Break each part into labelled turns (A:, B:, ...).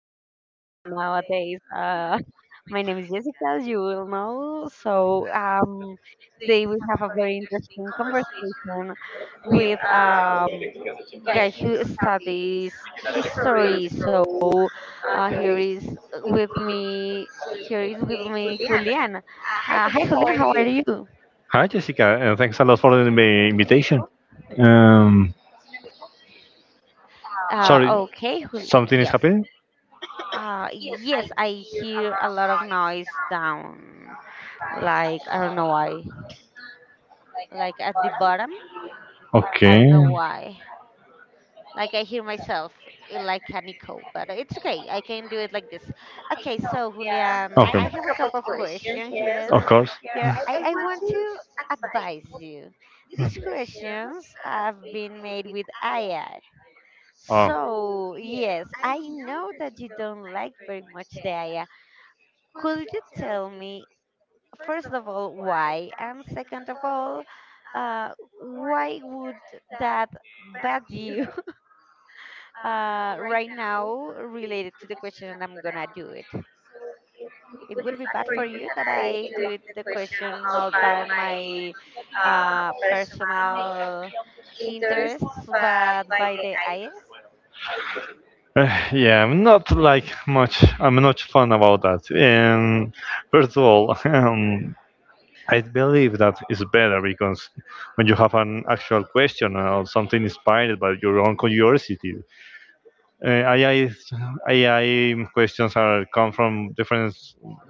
A: our podcast nowadays. My name is Jessica, as you will know. So today we have a very interesting conversation with guy who studies history. So here is with me. Here is with me Julian. Hi Julian, how are you?
B: Hi, Jessica, and thanks a lot for the invitation. Um,
A: Uh,
B: Sorry,
A: okay,
B: something is
A: yes.
B: happening?
A: Yes, I hear a lot of noise down. Like, I don't know why. Like at the bottom, I don't know
B: Okay.
A: why. Like I hear myself like an echo, but it's okay. I can do it like this. Okay, so Julian,
B: Okay.
A: I have a couple of questions here.
B: Of course.
A: Here, I want to advise you. These questions have been made with AI. So, yes, I know that you don't like very much the AI.
B: Oh.
A: Could you tell me, first of all, why? And second of all, uh, why would that bad you right now related to the question and I'm gonna do it? It would be bad for you that I do it, the question not by my personal interests, but by the IS.
B: Yeah, I'm not like much. I'm not fun about that. And first of all, I believe that is better because when you have an actual question or something inspired by your own curiosity, uh, AI is- AI questions are come from different.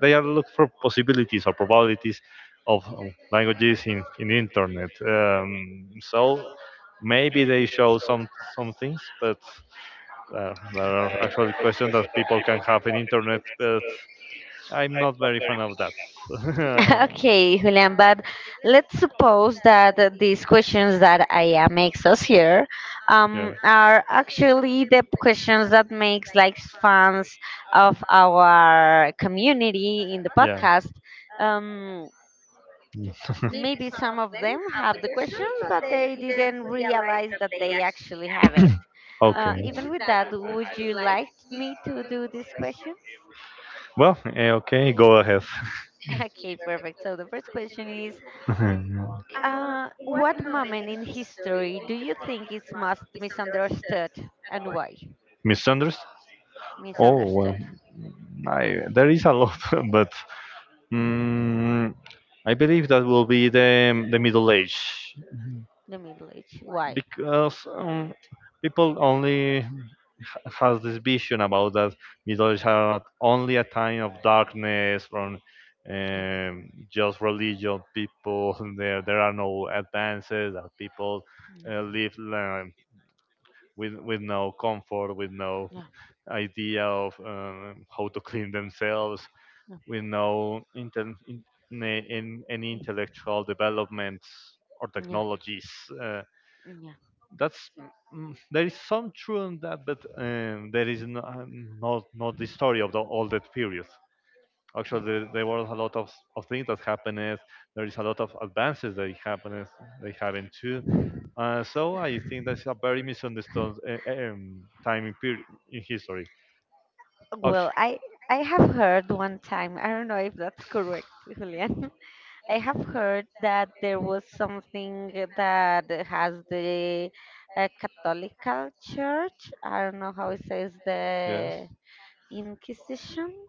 B: They are look for possibilities or probabilities of languages in internet. So maybe they show some things, but. There are actually questions that people can have in internet, but I'm not very fan of that.
A: Okay, Julian, but let's suppose that these questions that Aya makes us here
B: yeah.
A: are actually the questions that makes like fans of our community in the
B: Yeah.
A: podcast. Um, maybe some of them have the questions, but they didn't realize that they actually have it. Even with that, would you like me to do these questions?
B: okay. Well, okay, go ahead.
A: Okay, perfect. So the first question is: What moment in history do you think is most misunderstood and why?
B: Misunderstood? Oh, well,
A: Misunderstood.
B: there is a lot, but mm, I believe that will be the middle age
A: The Middle Age. Why?
B: because people only has this vision about that middle age are not only a time of darkness from
A: No,
B: just religious people. There are no advances that people
A: no,
B: live with no comfort, with no
A: no, no,
B: idea of how to clean themselves, with no in any intellectual developments or
A: no,
B: technologies. Uh,
A: no, no.
B: that's there is some truth in that, but there is no, not the story of the, all that period. Actually, there were a lot of things that happened. There is a lot of advances that happened. They happened too, so I think that's a very misunderstood time in, period, in history. Oct-
A: Well, I have heard one time. I don't know if that's correct, Julian. I have heard that there was something that has the Catholical Church. I don't know how it says
B: yes,
A: the Inquisition,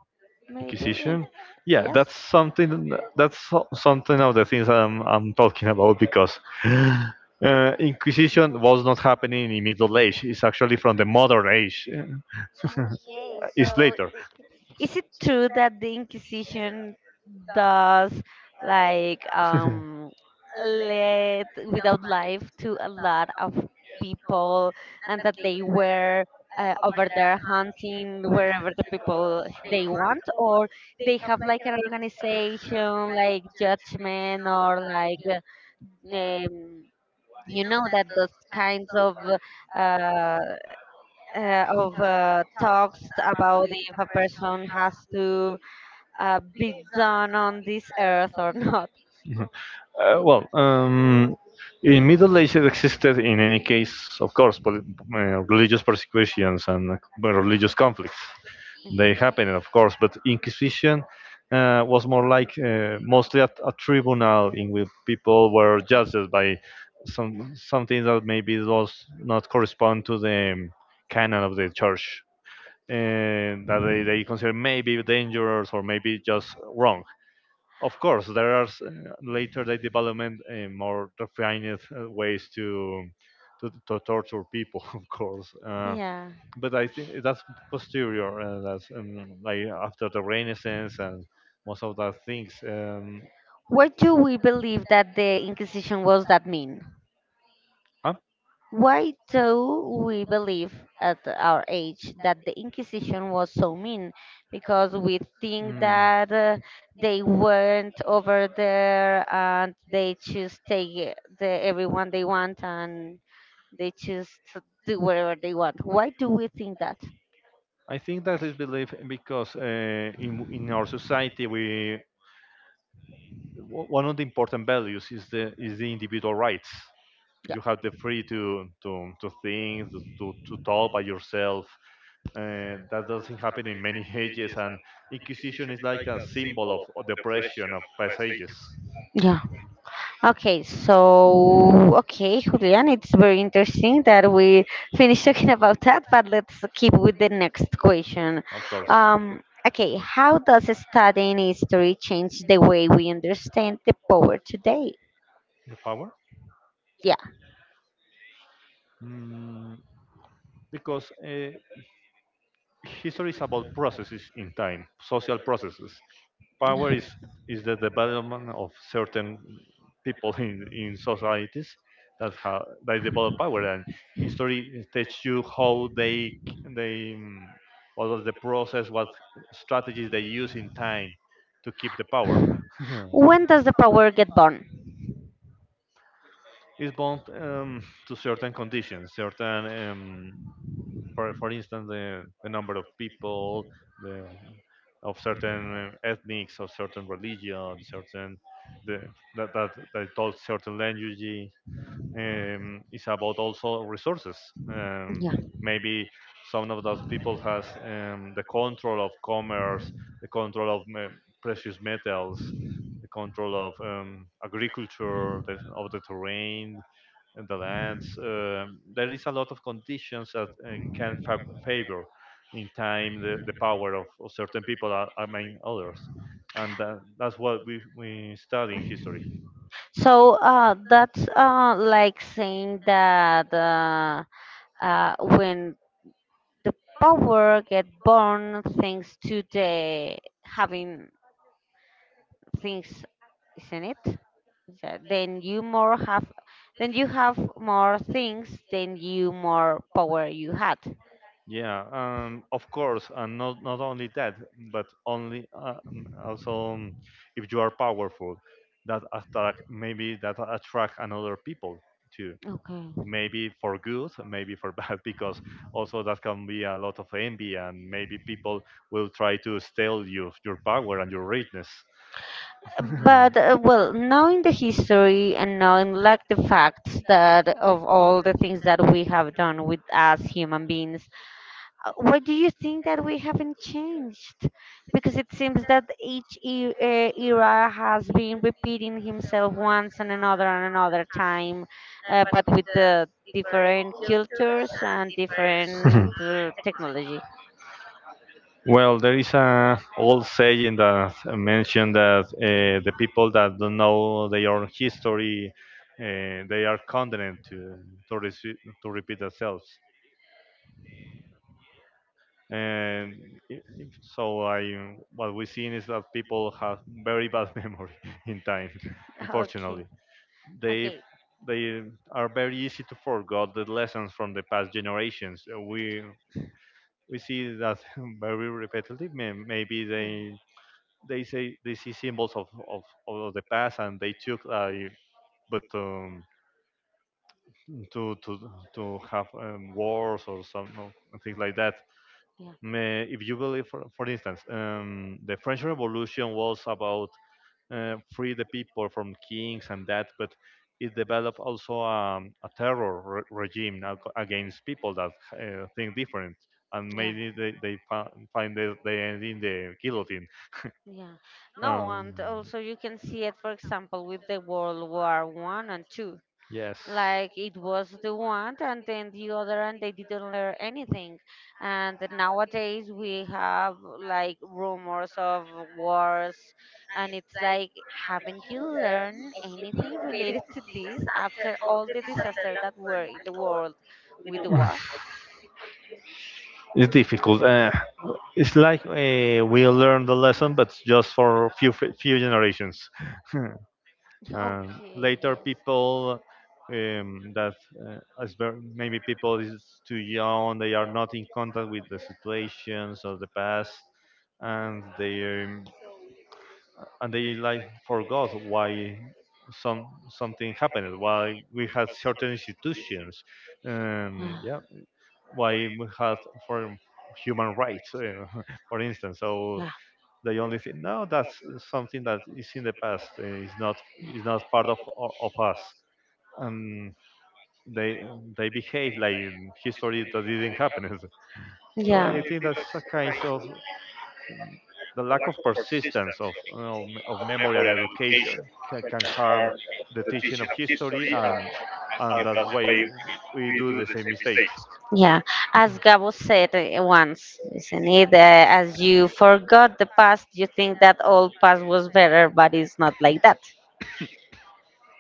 A: maybe. In,
B: Inquisition. Yeah,
A: yes.
B: that's something. That's something of the things I'm talking about because Inquisition was not happening in Middle Age. It's actually from the Modern Age.
A: Okay,
B: It's
A: so
B: later.
A: is it true that the Inquisition does, like, let without life to a lot of people, and that they were over there hunting wherever the people they want, or they have like an organization like judgment, or like um, you know that those kinds of uh, talks about if a person has to be done on this earth or not.
B: Uh, well, um, in Middle Ages existed, in any case, of course, religious persecutions and religious conflicts.
A: Mhm.
B: They happened, of course, but Inquisition was more like mostly at a tribunal in which people were judged by something that maybe does not correspond to the canon of the church, and that they consider maybe dangerous or maybe just wrong. Of course, there are later they development more refined ways to torture people, of course. Uh,
A: Yeah.
B: but I think that's posterior, that's like after the Renaissance and most of the things.
A: What do we believe that the Inquisition was that mean?
B: Huh?
A: Why do we believe at our age that the Inquisition was so mean? Because we think
B: Mm.
A: that they went over there and they just take the everyone they want and they just do whatever they want. Why do we think that?
B: I think that is belief because in our society we one of the important values is the individual rights. You have the free to think talk by yourself, and that doesn't happen in many ages, and inquisition is like a symbol of depression of past ages,
A: Yeah. Okay, so okay, Julian, it's very interesting that we finished talking about that, but let's keep with the next question.
B: of course.
A: Um, okay, how does studying history change the way we understand the power today?
B: The power,
A: Yeah,
B: mm, because history is about processes in time, social processes. Power is the development of certain people in societies that have they develop power, and history teaches you how they mm, what was the process, what strategies they use in time to keep the power.
A: when does the power get born?
B: it's bound, to certain conditions, certain, for instance, the number of people, the of certain ethnics, of certain religion, certain the that talk certain language. It's about also resources. Um,
A: Yeah.
B: maybe some of those people has the control of commerce, the control of precious metals, the control of agriculture, the, of the terrain, and the lands. There is a lot of conditions that can favor in time the power of certain people are, among others. And that's what we study in history.
A: So that's like saying that when the power get born thanks to the having things, isn't it? So then you more have, then you have more things, then you more power you had.
B: Yeah, of course, and not only that, but only, also, if you are powerful, that attract maybe that attract another people too.
A: Okay.
B: Maybe for good, maybe for bad, because also that can be a lot of envy, and maybe people will try to steal you your power and your richness.
A: But well, knowing the history and knowing like the facts that of all the things that we have done with as human beings, what do you think that we haven't changed? Because it seems that each era has been repeating himself once and another time, but with the different cultures and different technology.
B: Well, there is a old saying that mentioned that the people that don't know their own history, they are condemned to, rece- to repeat themselves. And so, I what we've seen is that people have very bad memory in time.
A: Okay.
B: Unfortunately, they
A: Okay.
B: they are very easy to forget the lessons from the past generations. We we see that very repetitively. May- Maybe
A: Mm.
B: they say they see symbols of the past and they took, but to to to have wars or some no, things like that.
A: Yeah.
B: May, if you believe, for instance, the French Revolution was about free the people from kings and that, but it developed also a terror regime against people that think different, and
A: Yeah.
B: maybe they end in the guillotine.
A: Yeah. No, and
B: Um,
A: also you can see it, for example, with the World War One and Two.
B: yes.
A: Like it was the one and then the other and they didn't learn anything, and nowadays we have like rumors of wars, and it's like, haven't you learned anything related to this after all the disaster that were in the world with the war?
B: It's difficult. It's like, we learned the lesson, but just for few generations.
A: Okay,
B: Later,
A: yes.
B: people, um, that maybe people is too young, they are not in contact with the situations of the past, and they like forgot why something happened, why we had certain institutions, yeah,
A: Ah,
B: why we had, for human rights, for instance. So they only think no, that's something that is in the past, is not, is not part of us, and they they behave like in history that didn't happen. So
A: yeah. Yeah.
B: I think that's a kind of the lack of persistence of, of memory and education can harm the teaching of history, and that's why we do the same mistakes.
A: Yeah, as Gabo said once, isn't it? As you forgot the past, you think that all past was better, but it's not like that.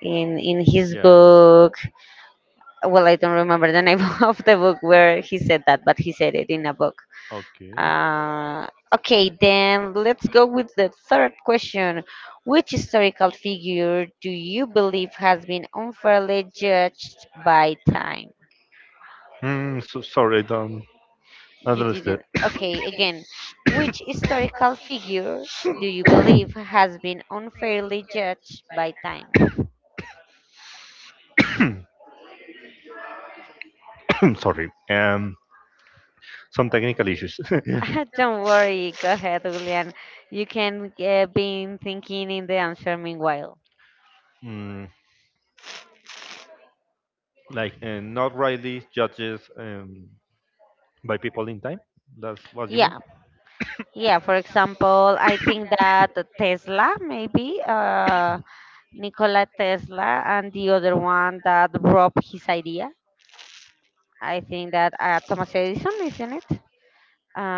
A: In his
B: Yeah.
A: book, well, I don't remember the name of the book where he said that, but he said it in a book.
B: Okay.
A: Uh, okay, then let's go with the third question. Which historical figure do you believe has been unfairly judged by time?
B: So sorry, I don't
A: You
B: understand.
A: didn't. Okay, again. Which historical figure do you believe has been unfairly judged by time?
B: sorry. Some technical issues.
A: Don't worry, go ahead, Julian. You can be thinking in the answer meanwhile.
B: mm, like not rightly judges. By people in time. That's what you mean.
A: Yeah, yeah, for example, I think that the Tesla, maybe Nikola Tesla, and the other one that robbed his idea. I think that Thomas Edison, isn't it?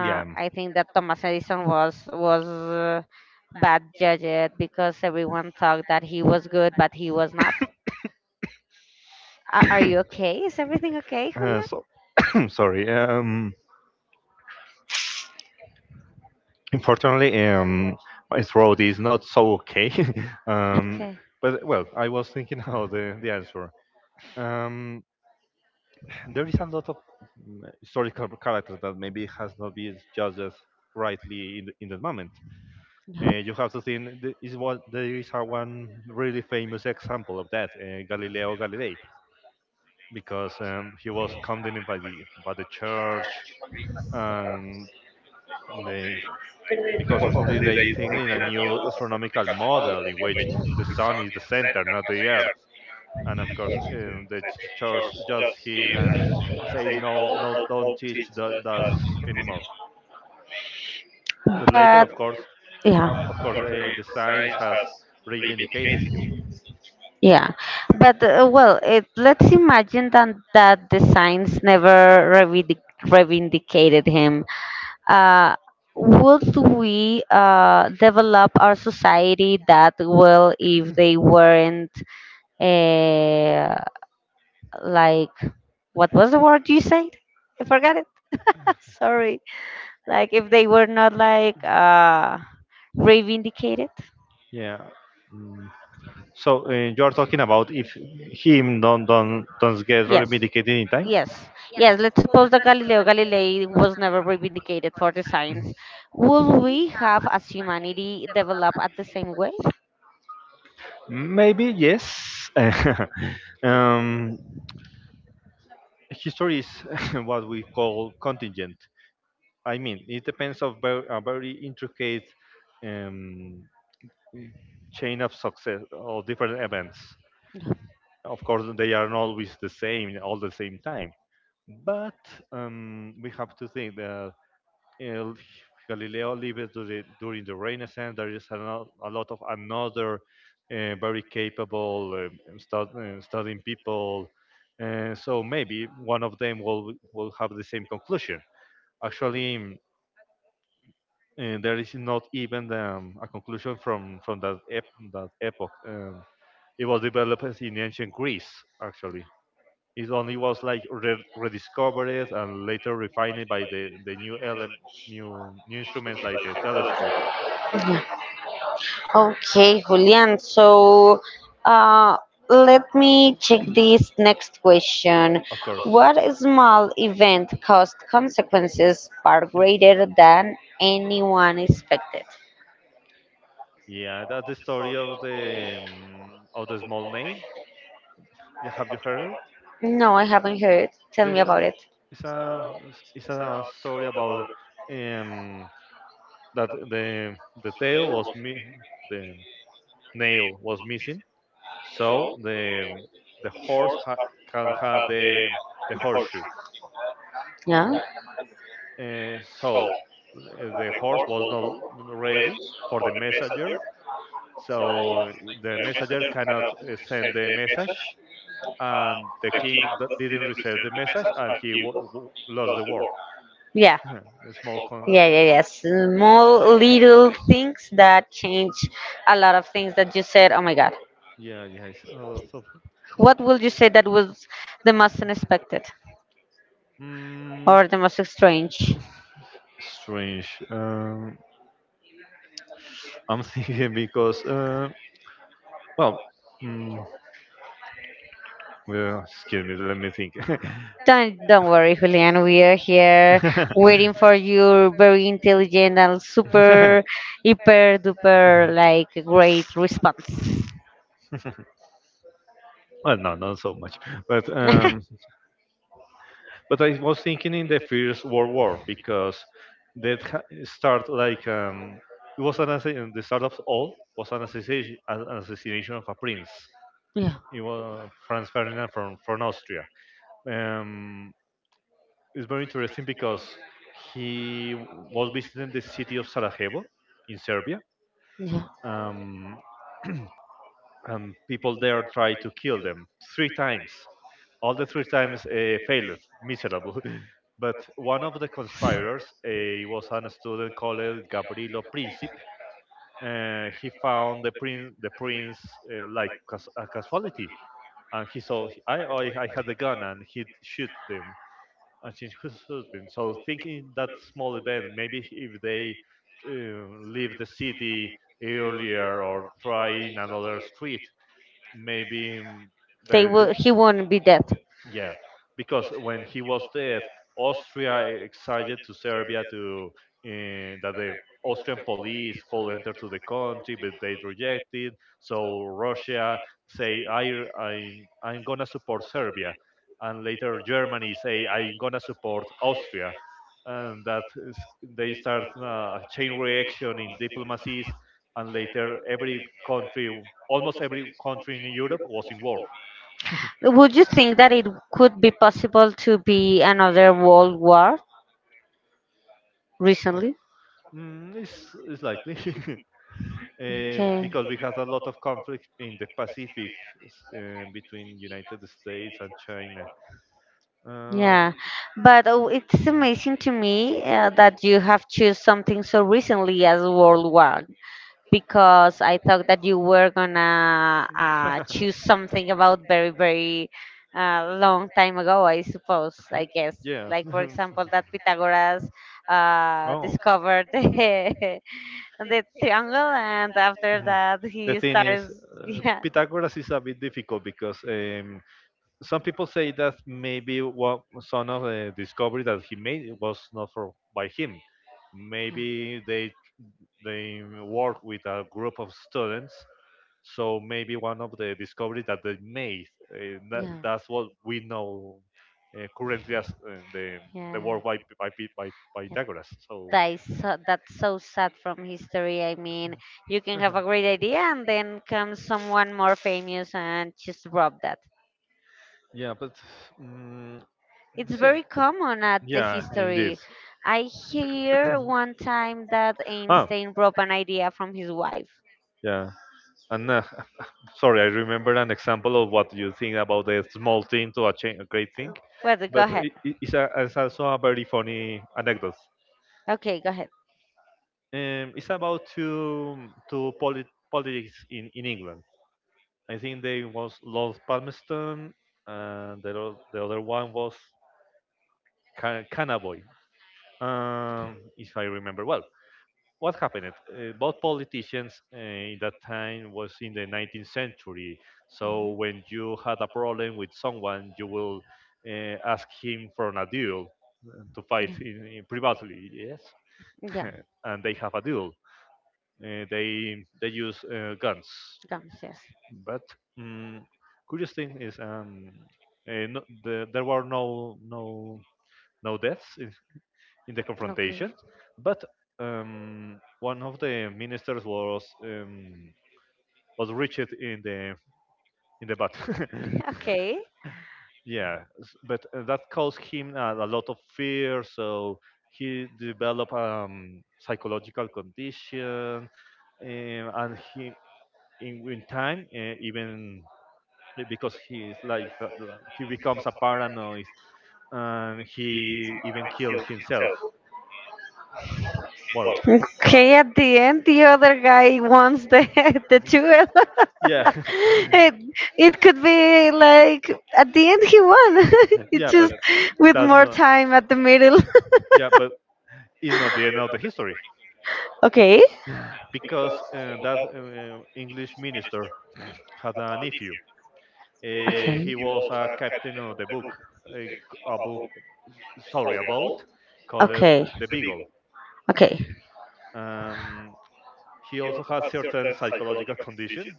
B: Yeah.
A: I think that Thomas Edison was bad judged because everyone thought that he was good, but he was not. Are you okay? Is everything okay, Julia?
B: So sorry. Unfortunately, my throat is not so okay. um,
A: Okay.
B: but well, I was thinking how the answer. Um, there is a lot of historical characters that maybe has not been judged rightly in the moment. You have to think is what there is a one really famous example of that, Galileo Galilei, because he was condemned by the church, and they because only they think in a new astronomical model in which the sun is the center, not the earth. And of course, the church judged him and say no, no, don't teach that does anymore. But later,
A: But
B: of course,
A: yeah.
B: of course, the science has reivindicated him.
A: Yeah, but well, let's imagine that the science never revindicated him. Uh, would we develop our society that well if they weren't uh, like, what was the word you said? I forgot it. Sorry. Like if they were not like, revindicated.
B: Yeah. Mm. So you are talking about if him don't get
A: Yes.
B: reivindicated in time?
A: Yes, yes. Let's suppose that Galileo Galilei was never vindicated for the science. Would we have, as humanity, developed at the same way?
B: Maybe yes. um, history is what we call contingent. I mean, it depends of a very intricate um, chain of success or different events.
A: They
B: Of course, they are not
A: are
B: always
A: always
B: the
A: the
B: same
A: same
B: all the same time,
A: conversation.
B: but we
A: You
B: have to think that uh, Galileo
A: have to
B: lived
A: see. There
B: during the
A: is
B: Renaissance. There is
A: a
B: a
A: lot
B: lot of
A: of
B: another
A: other
B: very
A: very capable,
B: capable
A: very
B: studying
A: smart people.
B: people, so
A: So
B: maybe
A: maybe
B: one
A: one
B: of
A: of
B: them
A: them
B: will
A: will
B: have
A: come
B: the
A: to the
B: same
A: same
B: conclusion.
A: conclusion.
B: Actually,
A: Actually,
B: there
A: there
B: is
A: is
B: not
A: not
B: even a
A: even
B: conclusion
A: different from
B: from that
A: about him.
B: that epoch. It was developed in ancient Greece, actually. It only was like rediscovered and later refined by the, new instruments like the telescope,
A: Okay, Julian. So, uh, let me check this next question.
B: of course.
A: What small event caused consequences far greater than anyone expected?
B: Yeah, that's the story of the, of the small name. Yeah, have you heard it?
A: No, I haven't heard. Tell me
B: There's
A: about
B: a
A: it.
B: it's a it's a story about um, that the the tail was mi- the nail was missing, so the horse can have the horseshoe.
A: Yeah.
B: Yeah. Uh, so the horse was not ready for the messenger, so the messenger cannot send the message, and the king didn't receive the message, and he lost the war.
A: Yeah,
B: A small con.
A: yeah, yeah, yeah. Small little things that change a lot of things that you said. Oh my God.
B: Yeah, yes. So,
A: What will you say that was the most unexpected?
B: mm,
A: Or the most strange.
B: strange. I'm thinking because, well, mm, well, excuse me, let me think.
A: Don't worry, Julian. We are here waiting for your very intelligent and super, hyper duper, like great response.
B: Well, no, not so much. But I was thinking in the First World War because that start like, it was an the start of all was an assassination of a prince.
A: Yeah,
B: It was Franz Ferdinand from Austria. Um, it's very interesting because he was visiting the city of Sarajevo in Serbia.
A: yeah.
B: Um, and people there tried to kill them three times. All the three times failed, miserable. but one of the conspirators was a student called Gabrielo Princip. He found the prince, like a casualty, and he saw I had a gun and he shoot them, and change his husband. So thinking that small event, maybe if they leave the city earlier or try in another street, maybe the
A: He won't be dead.
B: yeah, because when he was dead, Austria excited to Serbia to that the Austrian police could enter to the country, but they rejected. So Russia say, I, I'm gonna support Serbia, and later Germany say, I'm gonna support Austria, and that is, they start a chain reaction in diplomacies, and later every country, almost every country in Europe was in war.
A: Would you think that it could be possible to be another world war recently?
B: It's likely.
A: Okay.
B: Because we had a lot of conflict in the Pacific between United States and China.
A: Yeah,
B: Um,
A: but oh, it's amazing to me that you have choose something so recently as World War, because I thought that you were gonna choose something about very very long time ago. I suppose, I guess,
B: yeah.
A: like for example, that Pythagoras
B: Oh.
A: discovered the triangle, and after
B: Mhm.
A: that
B: The
A: he
B: thing is,
A: starts, yeah,
B: Pythagoras is a bit difficult because some people say that maybe what some of the discovery that he made it was not for by him. Maybe they work with a group of students, so maybe one of the discoveries that they made
A: yeah,
B: that's what we know currently as the
A: yeah.
B: work by by
A: Yeah.
B: Pythagoras. So.
A: That's so sad from history. I mean, you can have a great idea and then comes someone more famous and just rob that.
B: Yeah, but mm,
A: It's
B: see,
A: very common at the
B: yeah, indeed.
A: history. I hear one time that
B: Ah,
A: Einstein robbed an idea from his wife.
B: yeah. And sorry, I remember an example of what you think about a small thing to a great thing,
A: Uh, Well, go
B: but
A: ahead.
B: it's also a very funny anecdote.
A: Okay, go ahead.
B: It's about two politics in England. I think they was Lord Palmerston, and the other one was Canavoy, if I remember well. What happened? Both politicians in that time was in the 19th century. So when you had a problem with someone, you will ask him for an duel to fight
A: Mhm.
B: in privately. Yes,
A: Yeah, yeah,
B: and they have a duel. They use guns.
A: guns, yes.
B: But um, curious thing is, there were no deaths in the
A: Okay.
B: confrontation. But one of the ministers was reached in the butt.
A: Okay.
B: Yeah, but that caused him a lot of fear. So he developed psychological condition, and he in time even because he is like he becomes a paranoid and he even killed himself. Well, uh,
A: Okay, at the end, the other guy wants the the jewel.
B: yeah,
A: It, it could be like at the end he won. It's
B: yeah,
A: just
B: but
A: with
B: that's
A: more
B: not.
A: time at the middle.
B: Yeah, but it's not the end of the history
A: Okay.
B: because that English minister had a nephew.
A: Okay.
B: He was a captain of the book, a, a book, sorry, a boat called
A: Okay.
B: the Beagle.
A: Okay.
B: Um, he also has certain psychological condition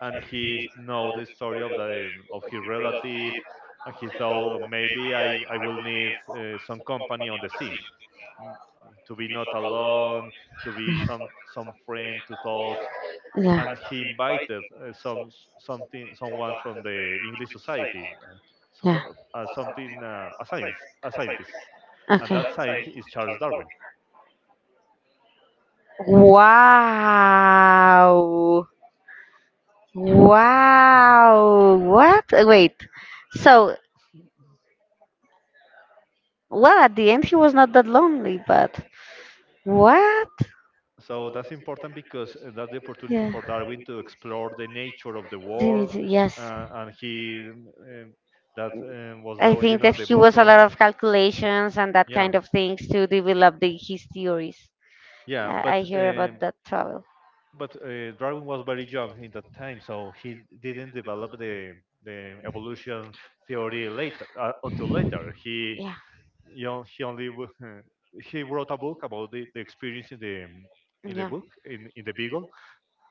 B: and he know the story of the of his relative, and he thought, "Oh, maybe I will need some company on the sea, mm, to be not alone, to be some friend to talk."
A: Yeah.
B: And he invited someone from the English Society, so
A: Yeah.
B: fro- something a science a scientist, and
A: Okay.
B: that scientist is Charles Darwin.
A: Wow. Wow. What? Wait. So, well, at the end, he was not that lonely, but what?
B: So that's important because that's the opportunity
A: Yeah.
B: for Darwin to explore the nature of the
A: Didn't.
B: war,
A: Yes.
B: and he that was the
A: I
B: origin
A: think that
B: of the
A: he
B: book
A: was a
B: of
A: lot of calculations and that
B: yeah
A: kind of things to develop his theories.
B: yeah.
A: I
B: But
A: hear about that trouble.
B: Darwin was very young in that time, so he didn't develop the evolution theory later until later. He,
A: Yeah.
B: you know, he only he wrote a book about the experience in the
A: Yeah.
B: book in the Beagle,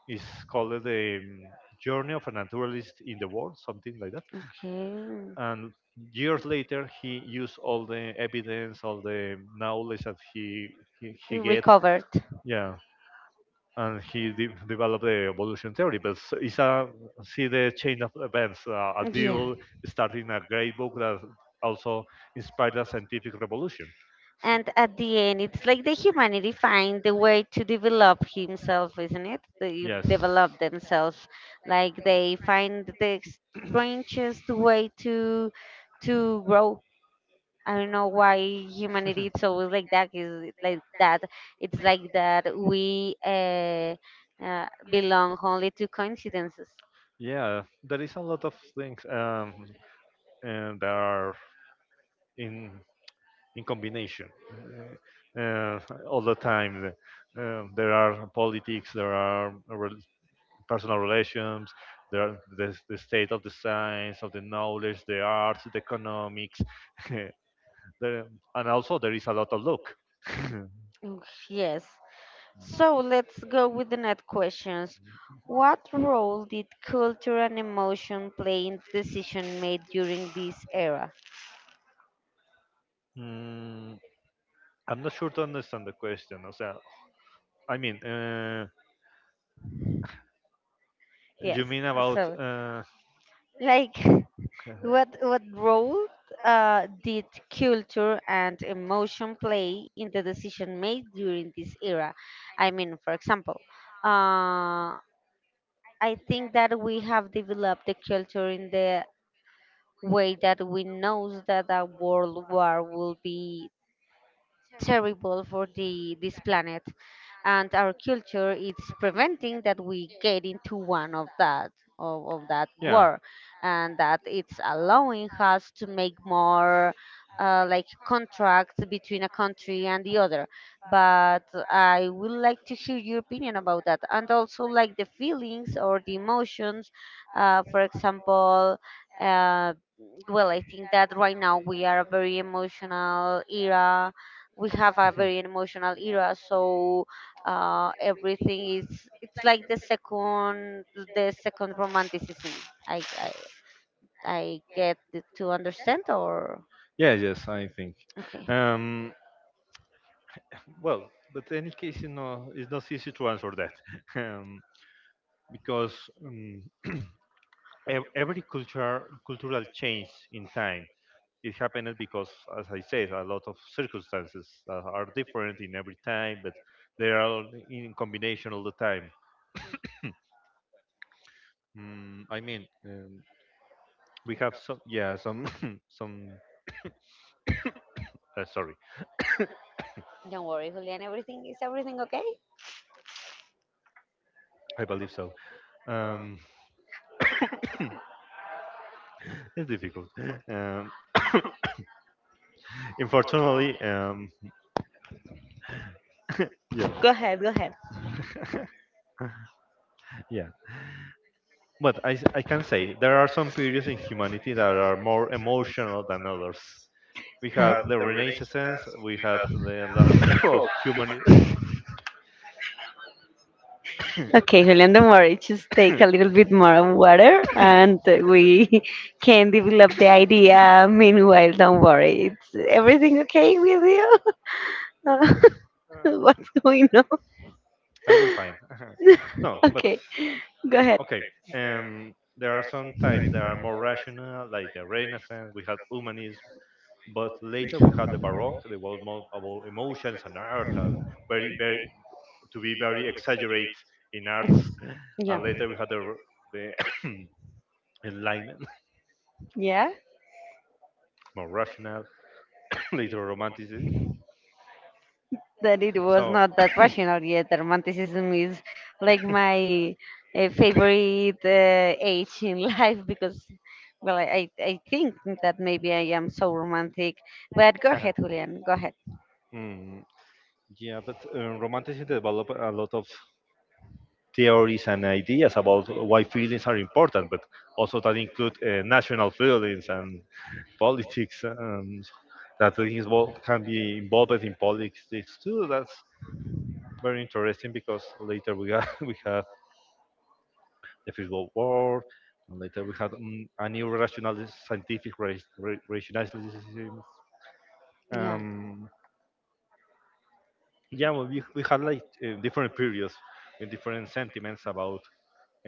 B: is called the Journey of a Naturalist in the World, something like that.
A: Okay.
B: And years later, he used all the evidence, all the knowledge that he he
A: You
B: get,
A: recovered.
B: yeah, and he developed the evolution theory. But it's a, see, the chain of events, a
A: Yeah.
B: deal starting a great book that also inspired a scientific revolution.
A: And at the end, it's like the humanity find the way to develop himself, isn't it? They
B: Yes.
A: develop themselves, like they find the strangest way to grow. I don't know why humanity is always like that. Is like that. It's like that we belong only to coincidences.
B: Yeah, there is a lot of things, and they are in in combination uh, uh, all the time. There are politics, there are personal relations, there are the state of the science, of the knowledge, the arts, the economics, there, and also there is a lot of luck.
A: Mm, yes. So let's go with the next questions. What role did culture and emotion play in decision made during this era?
B: Mm, I'm not sure to understand the question. O sea, I mean, you
A: Yes.
B: mean about
A: So, like, what role did culture and emotion play in the decision made during this era? I mean, for example, uh, I think that we have developed the culture in the way that we know that a world war will be terrible for the this planet, and our culture is preventing that we get into one of that, of that
B: yeah.
A: war, and that it's allowing us to make more, like, contracts between a country and the other. But I would like to hear your opinion about that, and also like the feelings or the emotions. For example, uh, well, I think that right now we are a very emotional era. We have a very emotional era, so everything is it's like the second romanticism. I get to understand, or
B: Yeah, yes, I think.
A: okay.
B: Um, well, but any case, you know, it's not easy to answer that. um, because um, every culture cultural change in time, it happened because, as I said, a lot of circumstances are different in every time, but they are all in combination all the time. I mean, we have some, yeah, some, some. Sorry,
A: Don't worry, Julian, everything is everything okay.
B: I believe so. Um, it's difficult. Um, Unfortunately, yeah,
A: Go ahead, go ahead.
B: yeah. But I can say there are some periods in humanity that are more emotional than others. We
A: Yeah.
B: have the Renaissance, we have the lot of humanity.
A: Okay, Julian, don't worry. Just take a little bit more of water and we can develop the idea. Meanwhile, don't worry. It's everything okay with you? What's going on?
B: I will find. No, but
A: Okay, go ahead.
B: okay. There are some times that are more rational, like the Renaissance. We had humanism, but later we had the Baroque. They was more about emotions and art and very, very to be very exaggerate in arts,
A: Yeah.
B: and later we had the enlightenment,
A: Yeah,
B: more rational, later romanticism.
A: that it was
B: So
A: not that rational yet. Romanticism is like my favorite age in life, because, well, I think that maybe I am so romantic. But go ahead, Julian, go ahead.
B: Mm, yeah, but romanticism developed a lot of theories and ideas about why feelings are important, but also that include national feelings and politics and that he's involved, can be involved in politics too. That's very interesting because later we have we have the First World War, and later we had a new rationalist scientific rationalism.
A: Yeah.
B: Um, yeah, well, we had like different periods with different sentiments about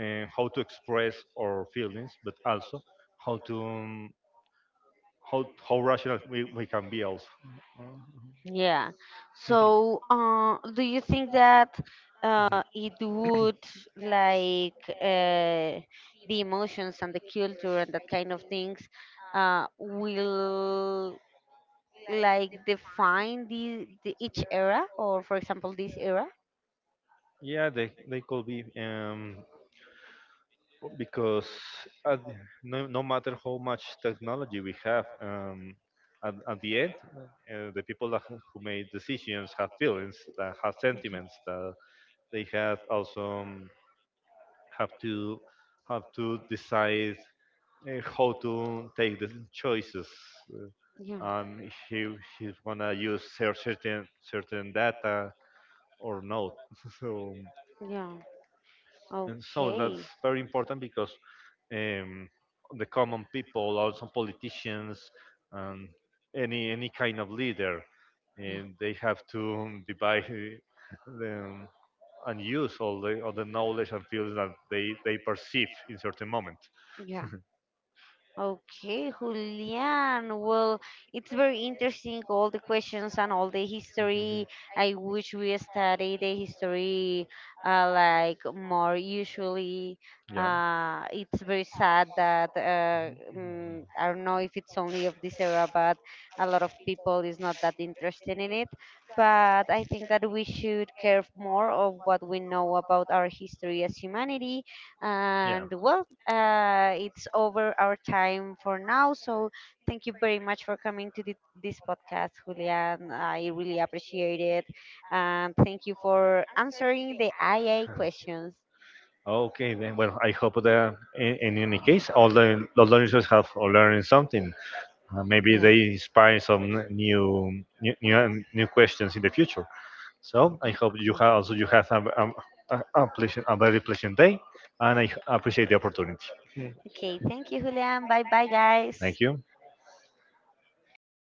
B: how to express our feelings, but also how to how how rational we can be also.
A: Yeah. So, do you think that
B: Mhm.
A: it would, like, the emotions and the culture and that kind of things will like define the each era or, for example, this era?
B: Yeah, they could be because at, the- no no matter how much technology we have, at the end, the people that, who made decisions have feelings, that have sentiments, that they have also have to have to decide how to take the choices. Uh,
A: Yeah.
B: If he he's gonna use certain certain data or not. So
A: Yeah.
B: and so that's
A: Okay.
B: very important because um, the common people, also politicians, and any kind of leader. And they have to divide them and use all the knowledge and fields that they perceive in certain moment.
A: Yeah. Okay, Julian. Well, it's very interesting, all the questions and all the
B: Mhm.
A: history. I wish we study the history like more usually.
B: Yeah.
A: It's very sad that,
B: Mhm.
A: I don't know if it's only of this era, but a lot of people is not that interested in it. But I think that we should care more of what we know about our history as humanity. And well, it's over our time for now. So thank you very much for coming to this podcast, Julian. I really appreciate it. And thank you for answering the IA
B: Yeah.
A: questions.
B: Okay, then. Well, I hope that in any case, all the learners have learned something. Maybe
A: Yeah.
B: they inspire some new, new questions in the future. So I hope you have also you have a pleasant, a very pleasant day, and I appreciate the opportunity.
A: Okay, thank you, Julian. Bye bye, guys.
B: Thank you.